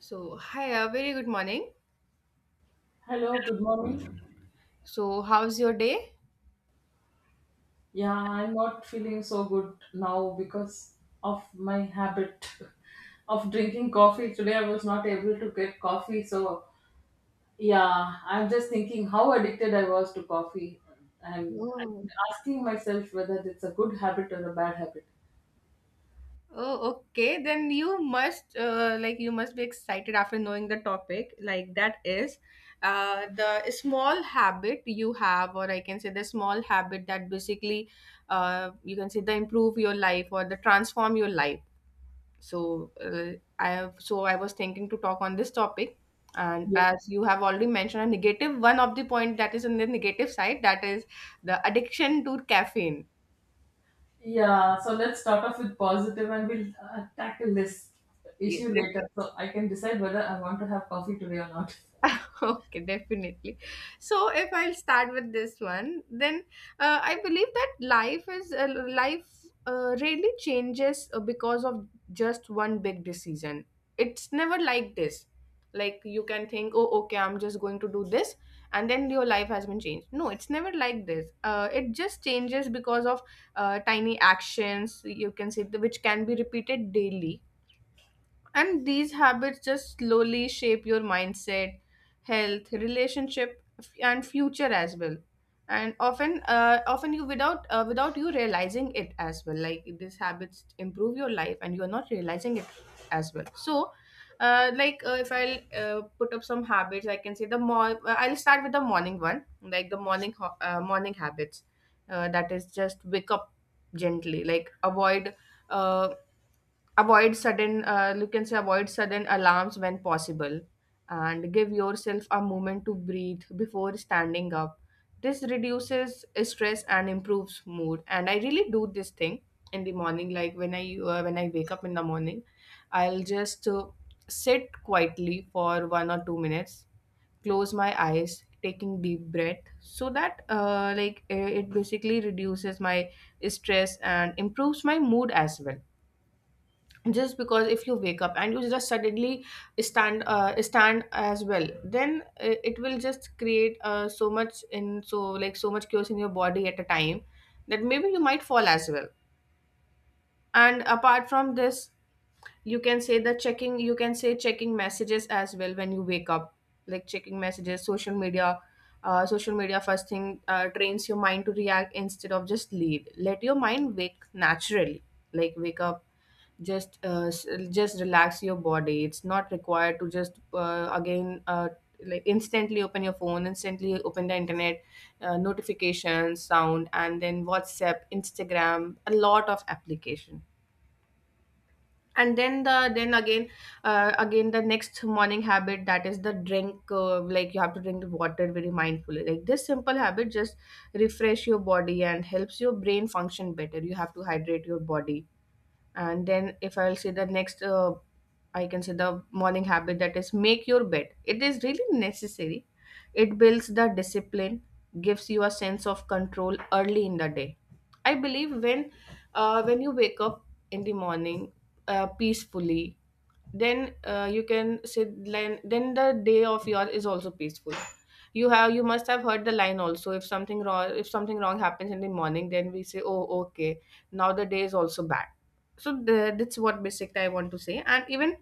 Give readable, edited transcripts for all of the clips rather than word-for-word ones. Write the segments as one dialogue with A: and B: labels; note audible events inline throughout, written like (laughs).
A: So, hi, very good morning.
B: Hello, good morning.
A: So, how's your day?
B: Yeah, I'm not feeling so good now because of my habit (laughs) of drinking coffee. Today I was not able to get coffee, so yeah, I'm just thinking how addicted I was to coffee and I'm
A: Oh,
B: asking myself whether it's a good habit or a bad habit.
A: oh, okay. Then you must like you must be excited after knowing the topic. Like that is the small habit you have, or I can say the small habit that basically you can say the improve your life or the transform your life. so uh, I have so I was thinking to talk on this topic, and
B: Yeah.
A: as you have already mentioned a negative one of the point that is on the negative side, that is the addiction to caffeine.
B: Yeah, so let's start off with positive and we'll tackle this
A: Yeah.
B: issue later so I can decide whether I want to have coffee today or not. (laughs)
A: (laughs) Okay, definitely. So if I'll start with this one, then I believe that life really changes because of just one big decision. It's never like this. Like you can think, oh, okay, I'm just going to do this, and then your life has been changed. No, it's never like this. It just changes because of tiny actions, you can say which can be repeated daily, and these habits just slowly shape your mindset, health, relationship, and future as well. And often, often you, without you realizing it as well. Like these habits improve your life, and you are not realizing it as well. So, if I'll put up some habits, I can say the more. I'll start with the morning one, like the morning habits. That is just wake up gently, like avoid uh, avoid sudden you can say avoid sudden alarms when possible, and give yourself a moment to breathe before standing up. This reduces stress and improves mood, and I really do this thing in the morning. Like when I when I wake up in the morning, I'll just sit quietly for 1 or 2 minutes, close my eyes, taking deep breath, so that it basically reduces my stress and improves my mood as well. Just because if you wake up and you just suddenly stand as well, then it will just create so much in, so much chaos in your body at a time that maybe you might fall as well. And apart from this, you can say the checking you can say checking messages as well when you wake up. Like checking messages, social media, social media first thing trains your mind to react instead of just lead let your mind wake naturally. Like wake up, just just relax your body. It's not required to just again like instantly open your phone, instantly open the internet, notifications sound, and then WhatsApp, Instagram, a lot of application. And then the then again again the next morning habit, that is the drink like you have to drink the water very mindfully. Like this simple habit just refresh your body and helps your brain function better. You have to hydrate your body. And then if I'll say the next I can say the morning habit, that is make your bed. It is really necessary. It builds the discipline, gives you a sense of control early in the day. I believe when you wake up in the morning peacefully, then you can sit, then the day of your is also peaceful. You have you must have heard the line also, if something wrong happens in the morning, then we say, oh okay, now the day is also bad. So that's what basic I want to say. And even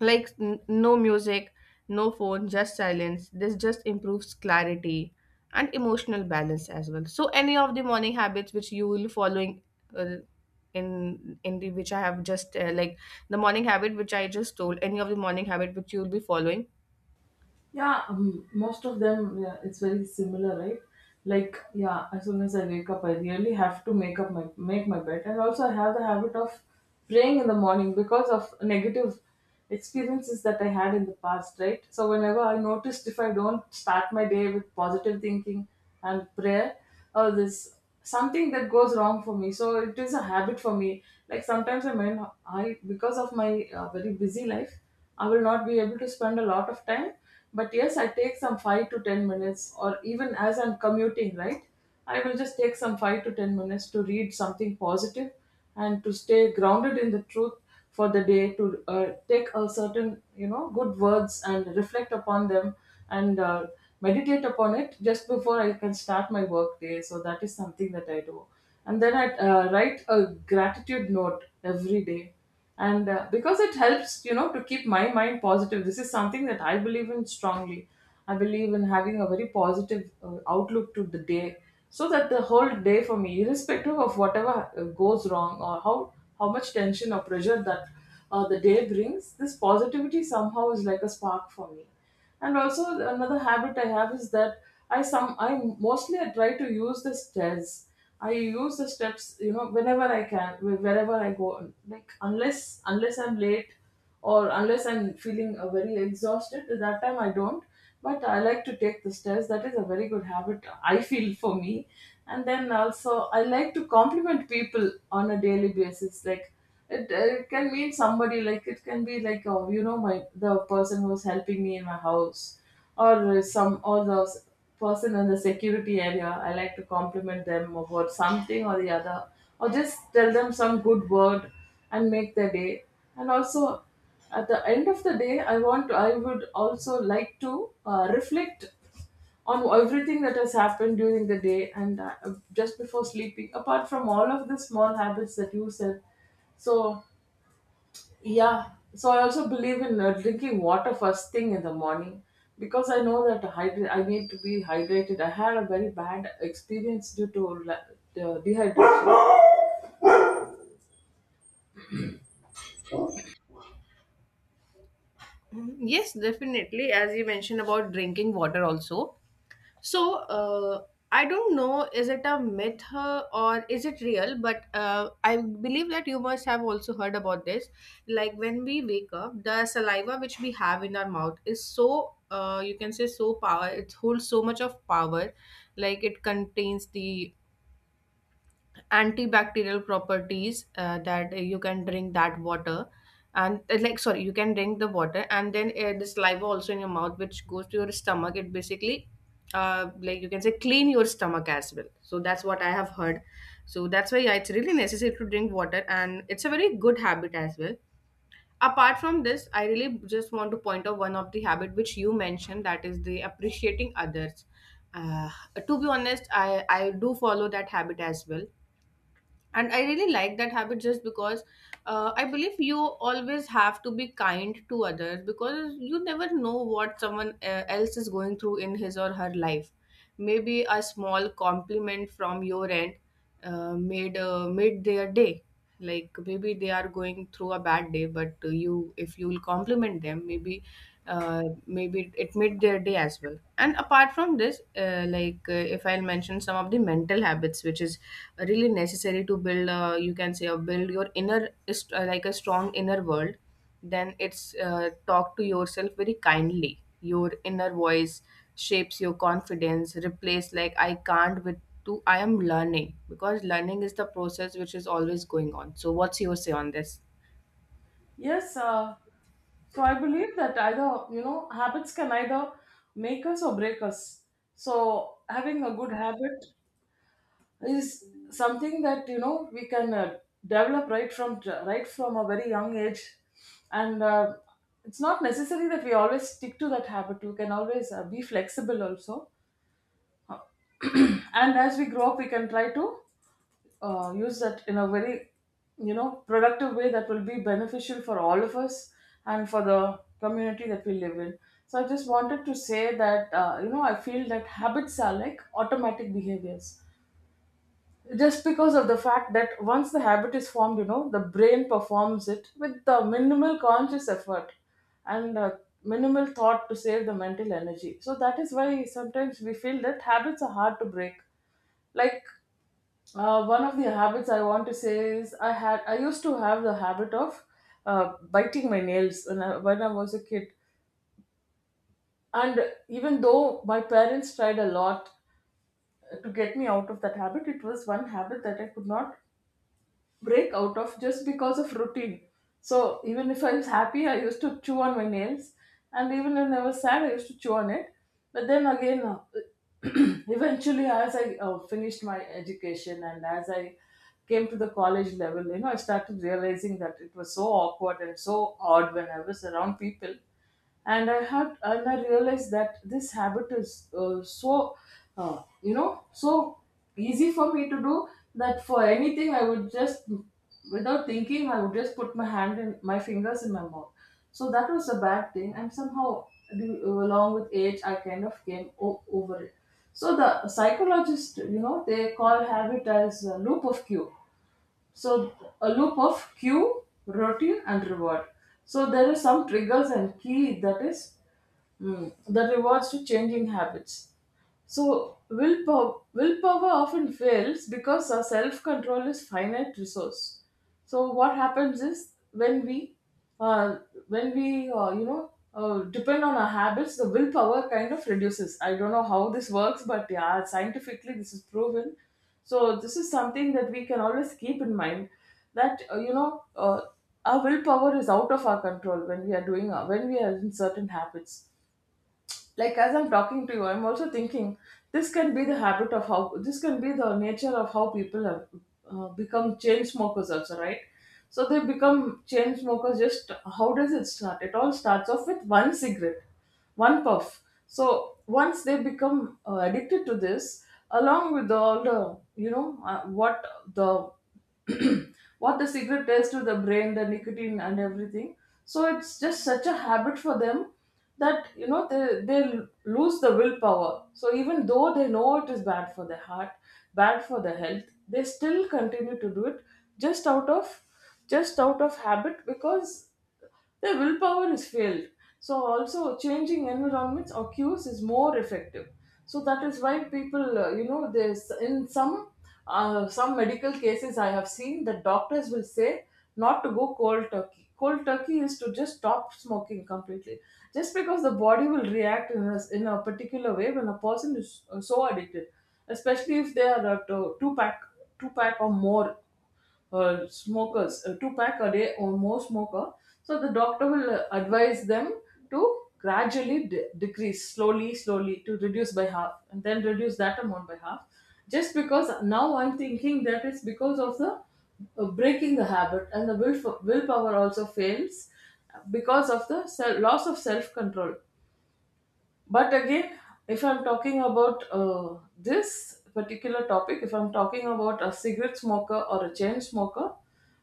A: like no music, no phone, just silence. This just improves clarity and emotional balance as well. So any of the morning habits which you will following, uh, in the which I have just like the morning habit which I just told, any of the morning habit which you will be following.
B: Yeah, Most of them, yeah, it's very similar, right? Like, yeah, as soon as I wake up, I really have to make my bed, and also I have the habit of praying in the morning because of negative experiences that I had in the past, right? So whenever I noticed if I don't start my day with positive thinking and prayer, oh, this something that goes wrong for me. So it is a habit for me. Like sometimes I because of my very busy life, I will not be able to spend a lot of time, but yes, I take some 5 to 10 minutes, or even as I'm commuting, right? I will just take some 5 to 10 minutes to read something positive and to stay grounded in the truth for the day, to take a certain, you know, good words and reflect upon them and meditate upon it just before I can start my work day. So that is something that I do. And then I write a gratitude note every day and because it helps, you know, to keep my mind positive. This is something that I believe in strongly. I believe in having a very positive outlook to the day, so that the whole day for me, irrespective of whatever goes wrong or how much tension or pressure that the day brings, this positivity somehow is like a spark for me. And also, another habit I have is that I mostly I try to use the stairs. I use the steps, you know, whenever I can, wherever I go. Like unless I'm late, or unless I'm feeling very exhausted, that time I don't, but I like to take the stairs. That is a very good habit, I feel, for me. And then also I like to compliment people on a daily basis. Like it can mean somebody, like it can be like, oh, you know, my the person who's helping me in my house, or some or the s- person in the security area. I like to compliment them about something or the other, or just tell them some good word and make their day. And also, at the end of the day, I would also like to reflect on everything that has happened during the day, and just before sleeping, apart from all of the small habits that you said. So yeah, so I also believe in drinking water first thing in the morning, because I know that I need to be hydrated. I had a very bad experience due to dehydration.
A: Mm, yes, definitely, as you mentioned about drinking water also. So I don't know, is it a myth or is it real? But I believe that you must have also heard about this. Like when we wake up, the saliva which we have in our mouth is so you can say so power. It holds so much of power, like it contains the antibacterial properties that you can drink that water, and like sorry, you can drink the water, and then this saliva also in your mouth which goes to your stomach, it basically you can say clean your stomach as well. So that's what I have heard. So that's why, yeah, it's really necessary to drink water, and it's a very good habit as well. Apart from this, I really just want to point out one of the habit which you mentioned, that is the appreciating others. uh, to be honest, I do follow that habit as well, and I really like that habit, just because I believe you always have to be kind to others, because you never know what someone else is going through in his or her life. Maybe a small compliment from your end made their day. Like maybe they are going through a bad day, but you if you'll compliment them, maybe maybe it made their day as well. And apart from this, if I'll mention some of the mental habits which is really necessary to build, you can say build your like a strong inner world, then it's talk to yourself very kindly. Your inner voice shapes your confidence. Replace like I can't with to I am learning, because learning is the process which is always going on. So what's your say on this?
B: Yes, so I believe that either, you know, habits can either make us or break us. So having a good habit is something that, you know, we can develop right from a very young age, and it's not necessary that we always stick to that habit. We can always be flexible also. Uh, (clears throat) And as we grow up, we can try to use that in a very, you know, productive way that will be beneficial for all of us and for the community that we live in. So I just wanted to say that, you know, I feel that habits are like automatic behaviors, just because of the fact that once the habit is formed, you know, the brain performs it with the minimal conscious effort and minimal thought to save the mental energy. So that is why sometimes we feel that habits are hard to break. Like one of the habits I want to say is I used to have the habit of biting my nails when when I was a kid. And even though my parents tried a lot to get me out of that habit, it was one habit that I could not break out of, just because of routine. So even if I was happy, I used to chew on my nails, and even when I was sad, I used to chew on it. But then again, (clears throat) eventually, as I finished my education and as I came to the college level, you know, I started realizing that it was so awkward and so odd when I was around people, and I had and I realized that this habit is, so you know, so easy for me to do, that for anything I would just, without thinking, I would just put my fingers in my mouth. So that was a bad thing, and somehow along with age, I kind of came over it. So the psychologists, you know, they call habit as a loop of cue. So a loop of cue, routine, and reward. So there is some triggers and key that is, mm, that rewards to changing habits. So willpower often fails because our self-control is finite resource. So what happens is uh, when we, depend on our habits, the willpower kind of reduces. I don't know how this works, but yeah, scientifically this is proven. So this is something that we can always keep in mind, that our willpower is out of our control when we are when we are in certain habits. Like as I'm talking to you, I'm also thinking this can be the habit of how, this can be the nature of how people have become chain smokers also, right? So they become chain smokers just, how does it start? It all starts off with one cigarette, one puff. So once they become addicted to this, along with all the, you know, what the (clears throat) what the cigarette does to the brain, the nicotine and everything. So it's just such a habit for them that, you know, lose the willpower. So even though they know it is bad for the heart, bad for the health, they still continue to do it just out of, just out of habit, because the willpower is failed. So also changing environments or cues is more effective. So that is why people, you know, there's in some medical cases I have seen that doctors will say not to go cold turkey. Cold turkey is to just stop smoking completely, just because the body will react in in a particular way when a person is so addicted, especially if they are two pack or more smokers, two pack a day or more smoker. So the doctor will advise them to gradually decrease slowly, slowly, to reduce by half and then reduce that amount by half. Just because now I'm thinking that it's because of the breaking the habit, and the willpower also fails because of the loss of self control. But again, if I'm talking about this particular topic, if I'm talking about a cigarette smoker or a chain smoker,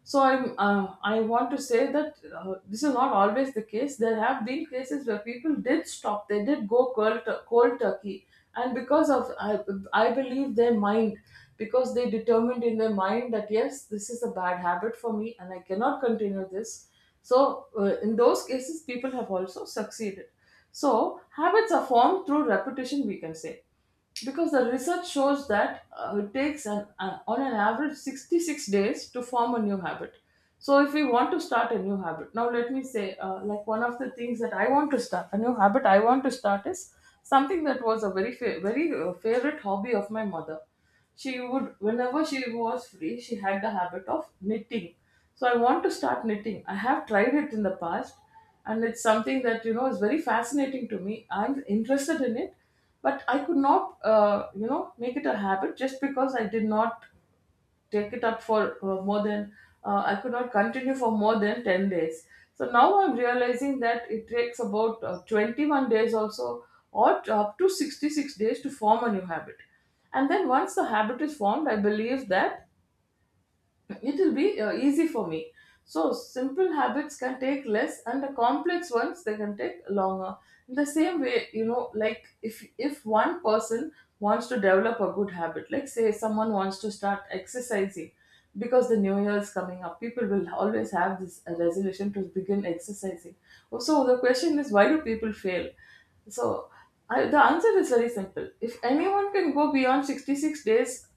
B: so I'm I want to say that this is not always the case. There have been cases where people did stop, they did go cold turkey, and because of I believe their mind, because they determined in their mind that yes, this is a bad habit for me and I cannot continue this. So in those cases, people have also succeeded. So habits are formed through repetition, we can say because the research shows that it takes on an average 66 days to form a new habit. So if we want to start a new habit, now let me say, like, one of the things that I want to start is something that was a very favorite hobby of my mother. She would, whenever she was free, she had the habit of knitting. So I want to start knitting. I have tried it in the past, and it's something that, you know, is very fascinating to me, I'm interested in it, but I could not, make it a habit just because I did not take it up for more than, I could not continue for more than 10 days. So now I'm realizing that it takes about 21 days also, or up to 66 days to form a new habit. And then once the habit is formed, I believe that it will be easy for me. So simple habits can take less, and the complex ones they can take longer. In the same way, you know, like, if one person wants to develop a good habit, like say someone wants to start exercising, because the new year is coming up, people will always have this resolution to begin exercising. So the question is, why do people fail? So the answer is very simple. If anyone can go beyond 66 days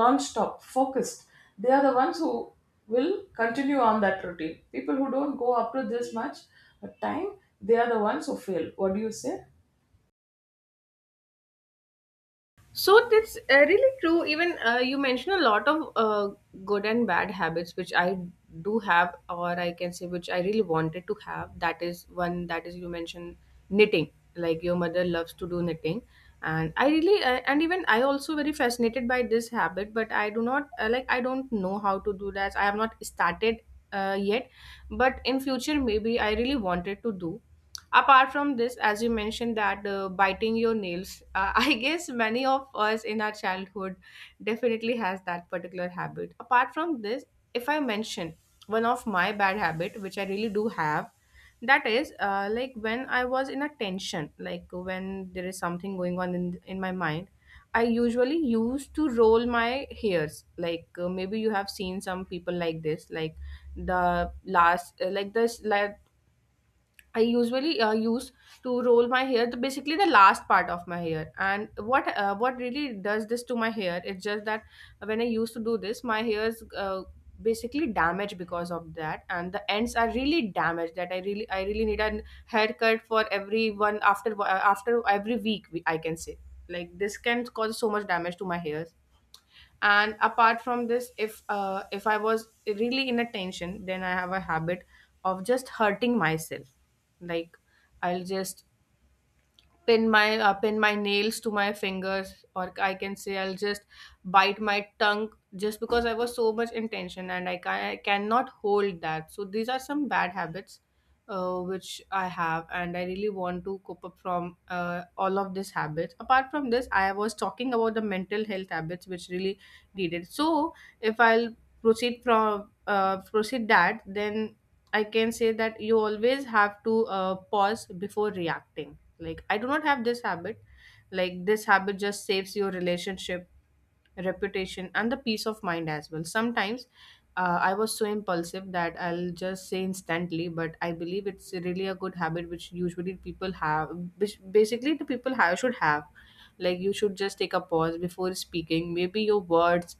B: non-stop focused, they are the ones who will continue on that routine. People who don't go up to this much time, they are the ones who fail. What do you say?
A: So that's really true. Even you mentioned a lot of good and bad habits, which I do have, or I can say which I really wanted to have. That is one, that is you mentioned knitting. Like your mother loves to do knitting, and I really and even I also very fascinated by this habit. But I do not I don't know how to do that. I have not started yet, but in future maybe I really wanted to do. Apart from this, as you mentioned that biting your nails, (laughs) I guess many of us in our childhood definitely has that particular habit. Apart from this, if I mention one of my bad habit which I really do have, that is like when I was in a tension, like when there is something going on in my mind, I usually used to roll my hairs, like maybe you have seen some people like this, like the last like this, like I usually use to roll my hair, basically the last part of my hair. And what really does this to my hair? It's just that when I used to do this, my hair's basically damaged because of that, and the ends are really damaged. That I really need a haircut for every one after every week, I can say. Like this can cause so much damage to my hairs. And apart from this, if I was really in a tension, then I have a habit of just hurting myself. Like I'll just pin my nails to my fingers, or I can say I'll just bite my tongue, just because I was so much intention, and I cannot hold that. So these are some bad habits which I have, and I really want to cope up from all of these habits. Apart from this, I was talking about the mental health habits which really needed. So if I'll proceed that, then I can say that you always have to pause before reacting. Like I do not have this habit. Like this habit just saves your relationship, reputation, and the peace of mind as well. Sometimes I was so impulsive that I'll just say instantly, but I believe it's really a good habit which usually people have, which basically the people have should have. Like you should just take a pause before speaking. Maybe your words,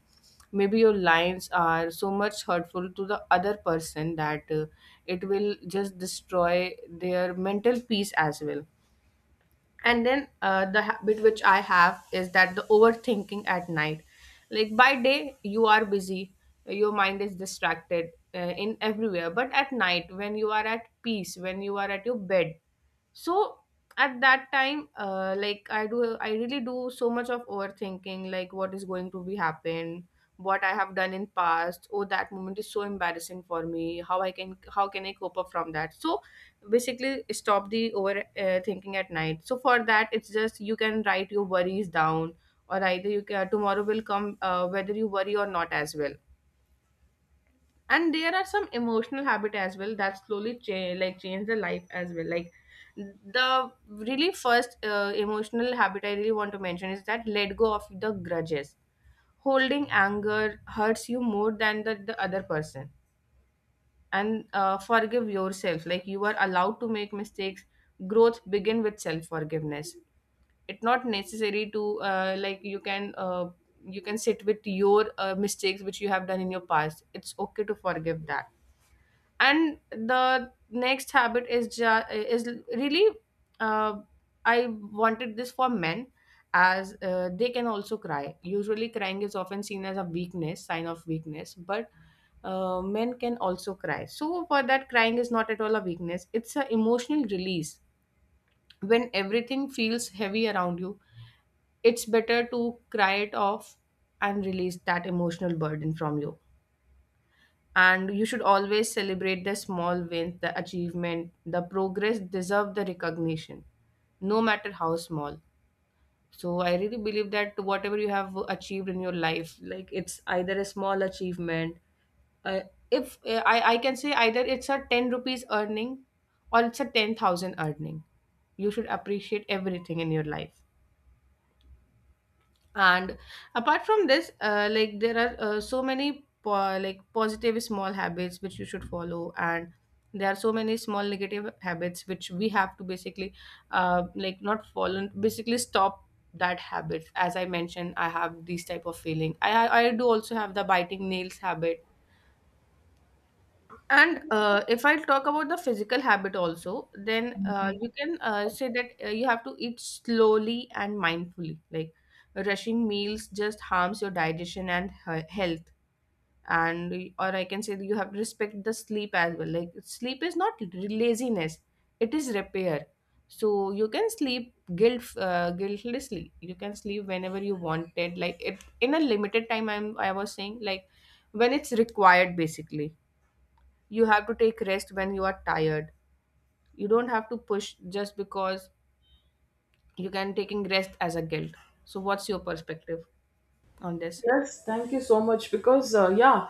A: maybe your lines are so much hurtful to the other person that it will just destroy their mental peace as well. And then the habit which I have is that the overthinking at night. Like by day you are busy, your mind is distracted in everywhere, but at night when you are at peace, when you are at your bed, so at that time, I do, I really do so much of overthinking. Like what is going to be happen, what I have done in past, oh, that moment is so embarrassing for me. How can I cope up from that? So basically, stop the over thinking at night. So for that, it's just you can write your worries down, or either you can, tomorrow will come whether you worry or not as well. And there are some emotional habit as well that slowly change, like change the life as well. Like the really first emotional habit I really want to mention is that let go of the grudges. Holding anger hurts you more than the other person. And forgive yourself, like you are allowed to make mistakes. Growth begin with self forgiveness. It's not necessary to like you can sit with your mistakes which you have done in your past. It's okay to forgive that. And the next habit is really, uh, I wanted this for men, as they can also cry. Usually crying is often seen as a weakness, sign of weakness, but men can also cry. So for that, crying is not at all a weakness, it's an emotional release. When everything feels heavy around you, it's better to cry it off and release that emotional burden from you. And you should always celebrate the small wins. The achievement, the progress deserve the recognition, no matter how small. So I really believe that whatever you have achieved in your life, like it's either a small achievement, uh, if I can say, either it's a 10 rupees earning or it's a 10,000 earning, you should appreciate everything in your life. And apart from this, like there are so many like positive small habits which you should follow, and there are so many small negative habits which we have to basically like not follow, basically stop that habit. As I mentioned, I have these type of feeling. I do also have the biting nails habit. And if I talk about the physical habit also, then you can say that you have to eat slowly and mindfully. Like rushing meals just harms your digestion and health. And or I can say that you have to respect the sleep as well. Like sleep is not laziness; it is repair. So you can sleep guiltlessly. You can sleep whenever you wanted, like it in a limited time. I was saying, like when it's required, basically you have to take rest when you are tired. You don't have to push just because you can, taking rest as a guilt. So what's your perspective on this?
B: Yes, thank you so much because, yeah,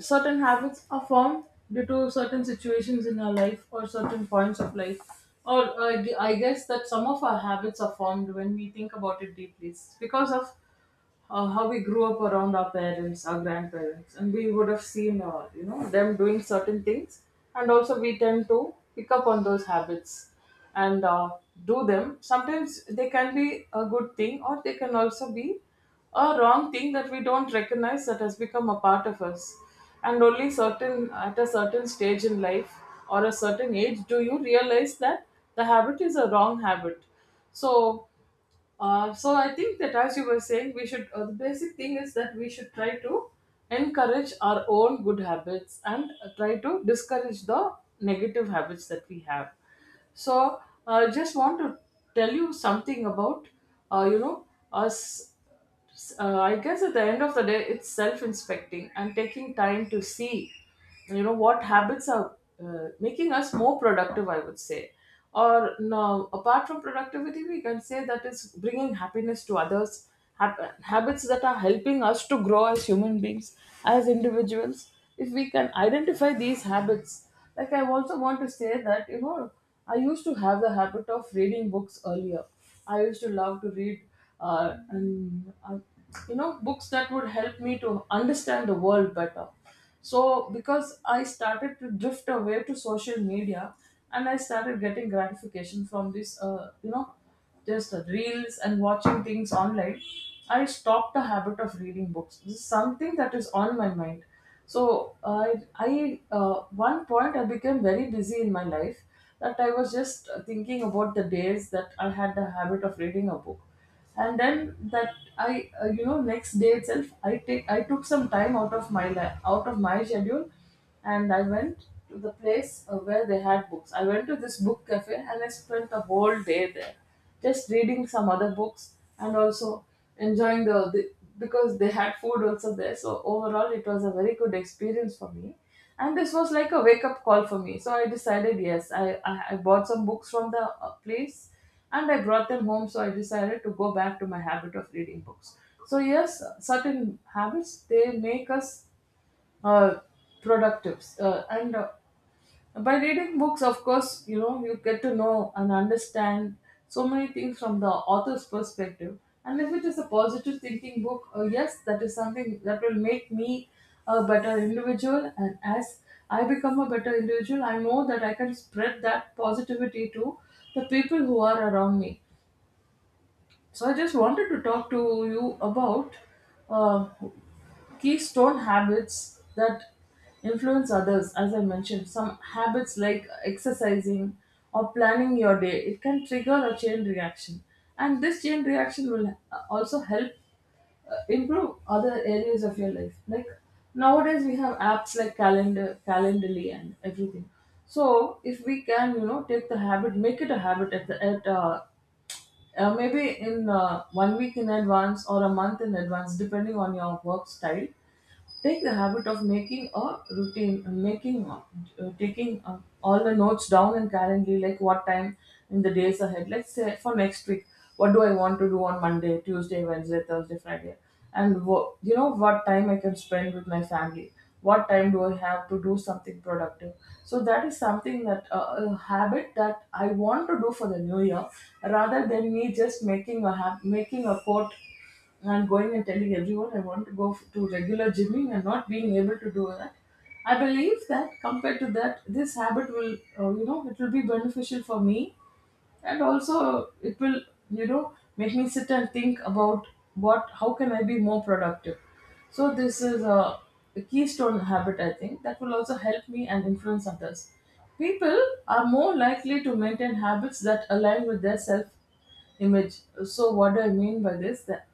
B: certain habits are formed due to certain situations in our life or certain points of life. Or I guess that some of our habits are formed when we think about it deeply. It's because of how we grew up around our parents, our grandparents, and we would have seen, you know, them doing certain things, and also we tend to pick up on those habits and do them. Sometimes they can be a good thing, or they can also be a wrong thing that we don't recognize that has become a part of us. And only certain at a certain stage in life or a certain age do you realize that the habit is a wrong habit. So so I think that as you were saying, we should, the basic thing is that we should try to encourage our own good habits and try to discourage the negative habits that we have. So I just want to tell you something about, uh, you know us. I guess at the end of the day, it's self-inspecting and taking time to see, you know, what habits are making us more productive. I would say, or no, apart from productivity, we can say that is bringing happiness to others. Habits that are helping us to grow as human beings, as individuals. If we can identify these habits, like, I also want to say that, you know, I used to have the habit of reading books earlier. I used to love to read, and you know books that would help me to understand the world better. So because I started to drift away to social media and I started getting gratification from this, just reels and watching things online, I stopped the habit of reading books. This is something that is on my mind. So I one point I became very busy in my life, that I was just thinking about the days that I had the habit of reading a book. And then that I you know next day itself, I took some time out of out of my schedule, and I went to the place where they had books. I went to this book cafe and I spent the whole day there just reading some other books and also enjoying the, because they had food also there, so overall it was a very good experience for me. And this was like a wake up call for me, so I decided, yes, I bought some books from the place and I brought them home. So I decided to go back to my habit of reading books. So yes, certain habits they make us uh, productive, and by reading books, of course, you know, you get to know and understand so many things from the author's perspective. And if it is a positive thinking book, yes, that is something that will make me a better individual. And as I become a better individual, I know that I can spread that positivity to the people who are around me. So I just wanted to talk to you about, uh, keystone habits that influence others. As I mentioned, some habits, like exercising or planning your day, it can trigger a chain reaction, and this chain reaction will also help improve other areas of your life. Like nowadays, we have apps like Calendar, Calendly, and everything. So if we can, you know, take the habit, make it a habit at the at maybe in 1 week in advance or a month in advance, depending on your work style. Take the habit of making a routine, making, taking all the notes down in Calendly, like what time in the days ahead. Let's say for next week, what do I want to do on Monday, Tuesday, Wednesday, Thursday, Friday, and you know, what time I can spend with my family. What time do I have to do something productive? So that is something that, a habit that I want to do for the new year, rather than me just making a quote and going and telling everyone I want to go to regular gymming and not being able to do that. I believe that compared to that, this habit will, you know, it will be beneficial for me, and also it will, you know, make me sit and think about how can I be more productive. So this is a keystone habit, I think, that will also help me and influence others. People are more likely to maintain habits that align with their self image. So, what do I mean by this? That,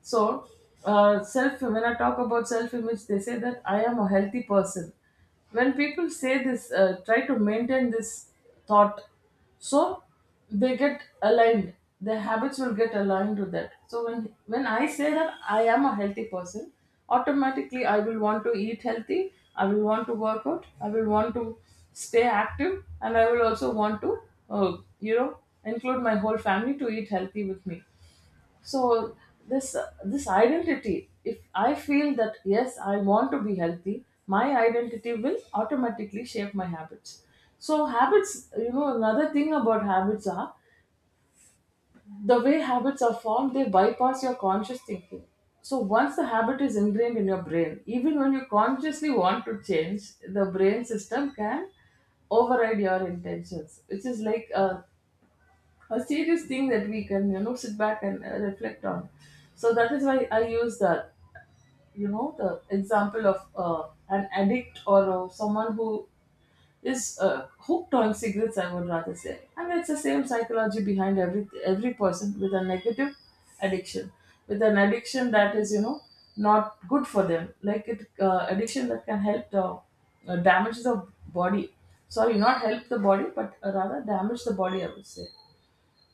B: so, self. When I talk about self-image, they say that I am a healthy person. When people say this, try to maintain this thought, so they get aligned. Their habits will get aligned to that. So when I say that I am a healthy person, automatically I will want to eat healthy, I will want to work out, I will want to stay active, and I will also want to, uh, you know include my whole family to eat healthy with me. So this this identity, if I feel that yes I want to be healthy, my identity will automatically shape my habits. So habits, you know, another thing about habits are, the way habits are formed, they bypass your conscious thinking. So once the habit is ingrained in your brain, even when you consciously want to change, the brain system can override your intentions, which is like a serious thing that we can, you know, sit back and reflect on. So that is why I use the example of an addict or someone who is hooked on cigarettes, I would rather say. And it's the same psychology behind every person with a negative addiction, with an addiction that is, you know, not good for them, like it, addiction that can help, damage the body. Sorry, not help the body, but rather damage the body, I would say.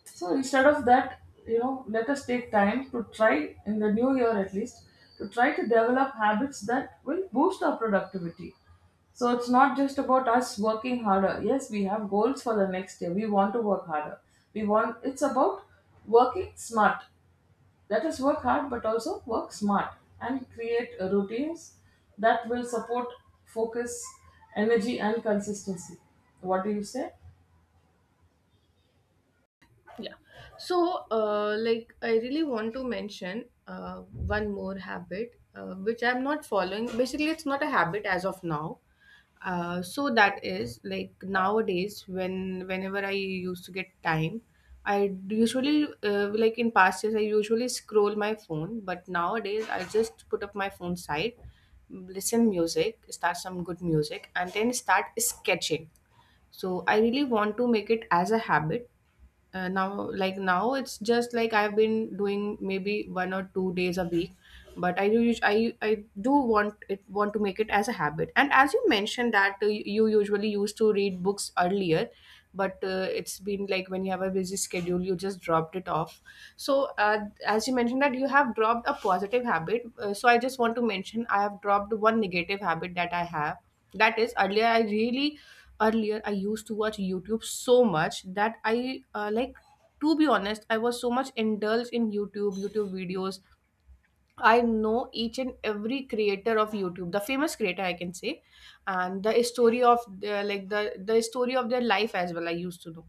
B: So instead of that, you know, let us take time to try in the new year at least, to try to develop habits that will boost our productivity. So it's not just about us working harder. Yes, we have goals for the next year. We want to work harder. We want, it's about working smart. Let us work hard but also work smart, and create routines that will support focus, energy and consistency. What do you say?
A: Yeah. So, like, I really want to mention one more habit which I'm not following. Basically, it's not a habit as of now. So that is like, nowadays when whenever I used to get time, I usually, like in past years I usually scroll my phone, but nowadays I just put up my phone side, listen music, start some good music, and then start sketching. So I really want to make it as a habit, now like now it's just like I've been doing maybe one or two days a week, but I do want it want to make it as a habit. And as you mentioned that you usually used to read books earlier, but it's been like when you have a busy schedule, you just dropped it off. So uh, as you mentioned that you have dropped a positive habit, so I just want to mention I have dropped one negative habit that I have. That is, earlier I used to watch YouTube so much that I, like to be honest, I was so much indulged in YouTube videos. I know each and every creator of YouTube, the famous creator I can say, and the story of like the story of their life as well I used to know.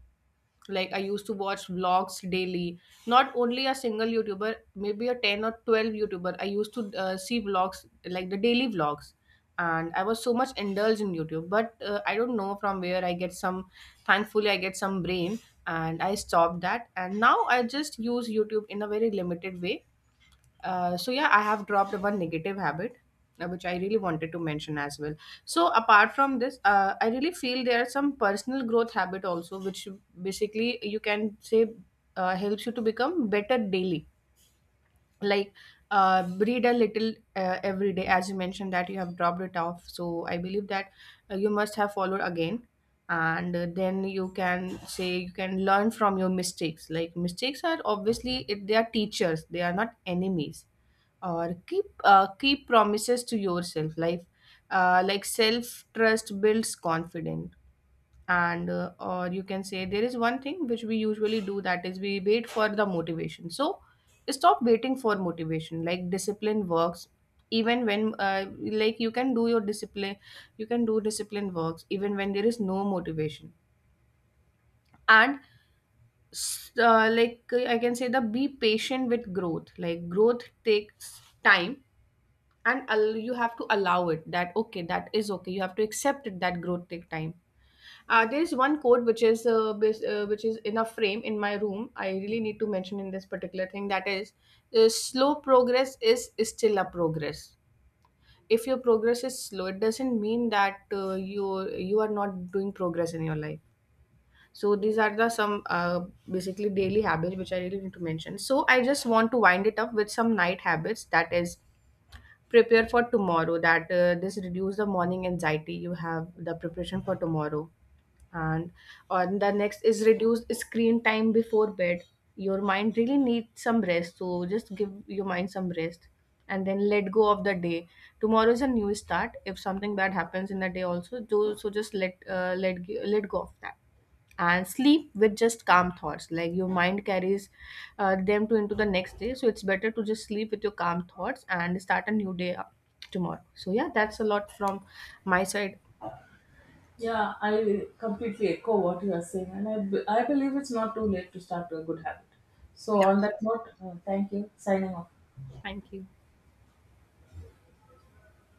A: Like I used to watch vlogs daily, not only a single youtuber, maybe a 10 or 12 youtuber I used to see vlogs, like the daily vlogs. And I was so much indulged in YouTube, but I don't know from where I get some, thankfully I get some brain, and I stopped that. And now I just use YouTube in a very limited way. So yeah, I have dropped one negative habit, which I really wanted to mention as well. So apart from this, I really feel there are some personal growth habit also, which basically you can say helps you to become better daily. Like read a little every day. As you mentioned that you have dropped it off, so I believe that you must have followed again. And then you can say you can learn from your mistakes. Like mistakes are obviously they are teachers, they are not enemies. Or keep promises to yourself, like self trust builds confidence. And or you can say there is one thing which we usually do, that is we wait for the motivation. So stop waiting for motivation, like discipline works even when, like you can do your discipline, you can do discipline works even when there is no motivation. And like I can say, the be patient with growth, like growth takes time. And you have to allow it, that okay, that is okay, you have to accept it that growth take time. There is one quote which is which is in a frame in my room, I really need to mention in this particular thing, that is, slow progress is still a progress. If your progress is slow, it doesn't mean that you are not doing progress in your life. So these are the some basically daily habits which I really need to mention. So I just want to wind it up with some night habits. That is, prepare for tomorrow, that this reduce the morning anxiety, you have the preparation for tomorrow. And on the next is reduce screen time before bed. Your mind really needs some rest, so just give your mind some rest. And then let go of the day, tomorrow is a new start. If something bad happens in the day also, do so just let go of that. And sleep with just calm thoughts, like your mind carries them to into the next day. So it's better to just sleep with your calm thoughts and start a new day tomorrow. So yeah, that's a lot from my side.
B: Yeah, I completely echo what you are saying, and I believe it's not too late to start a good habit. So,
A: Yeah,
B: on that note, thank you. Signing off.
A: thank you.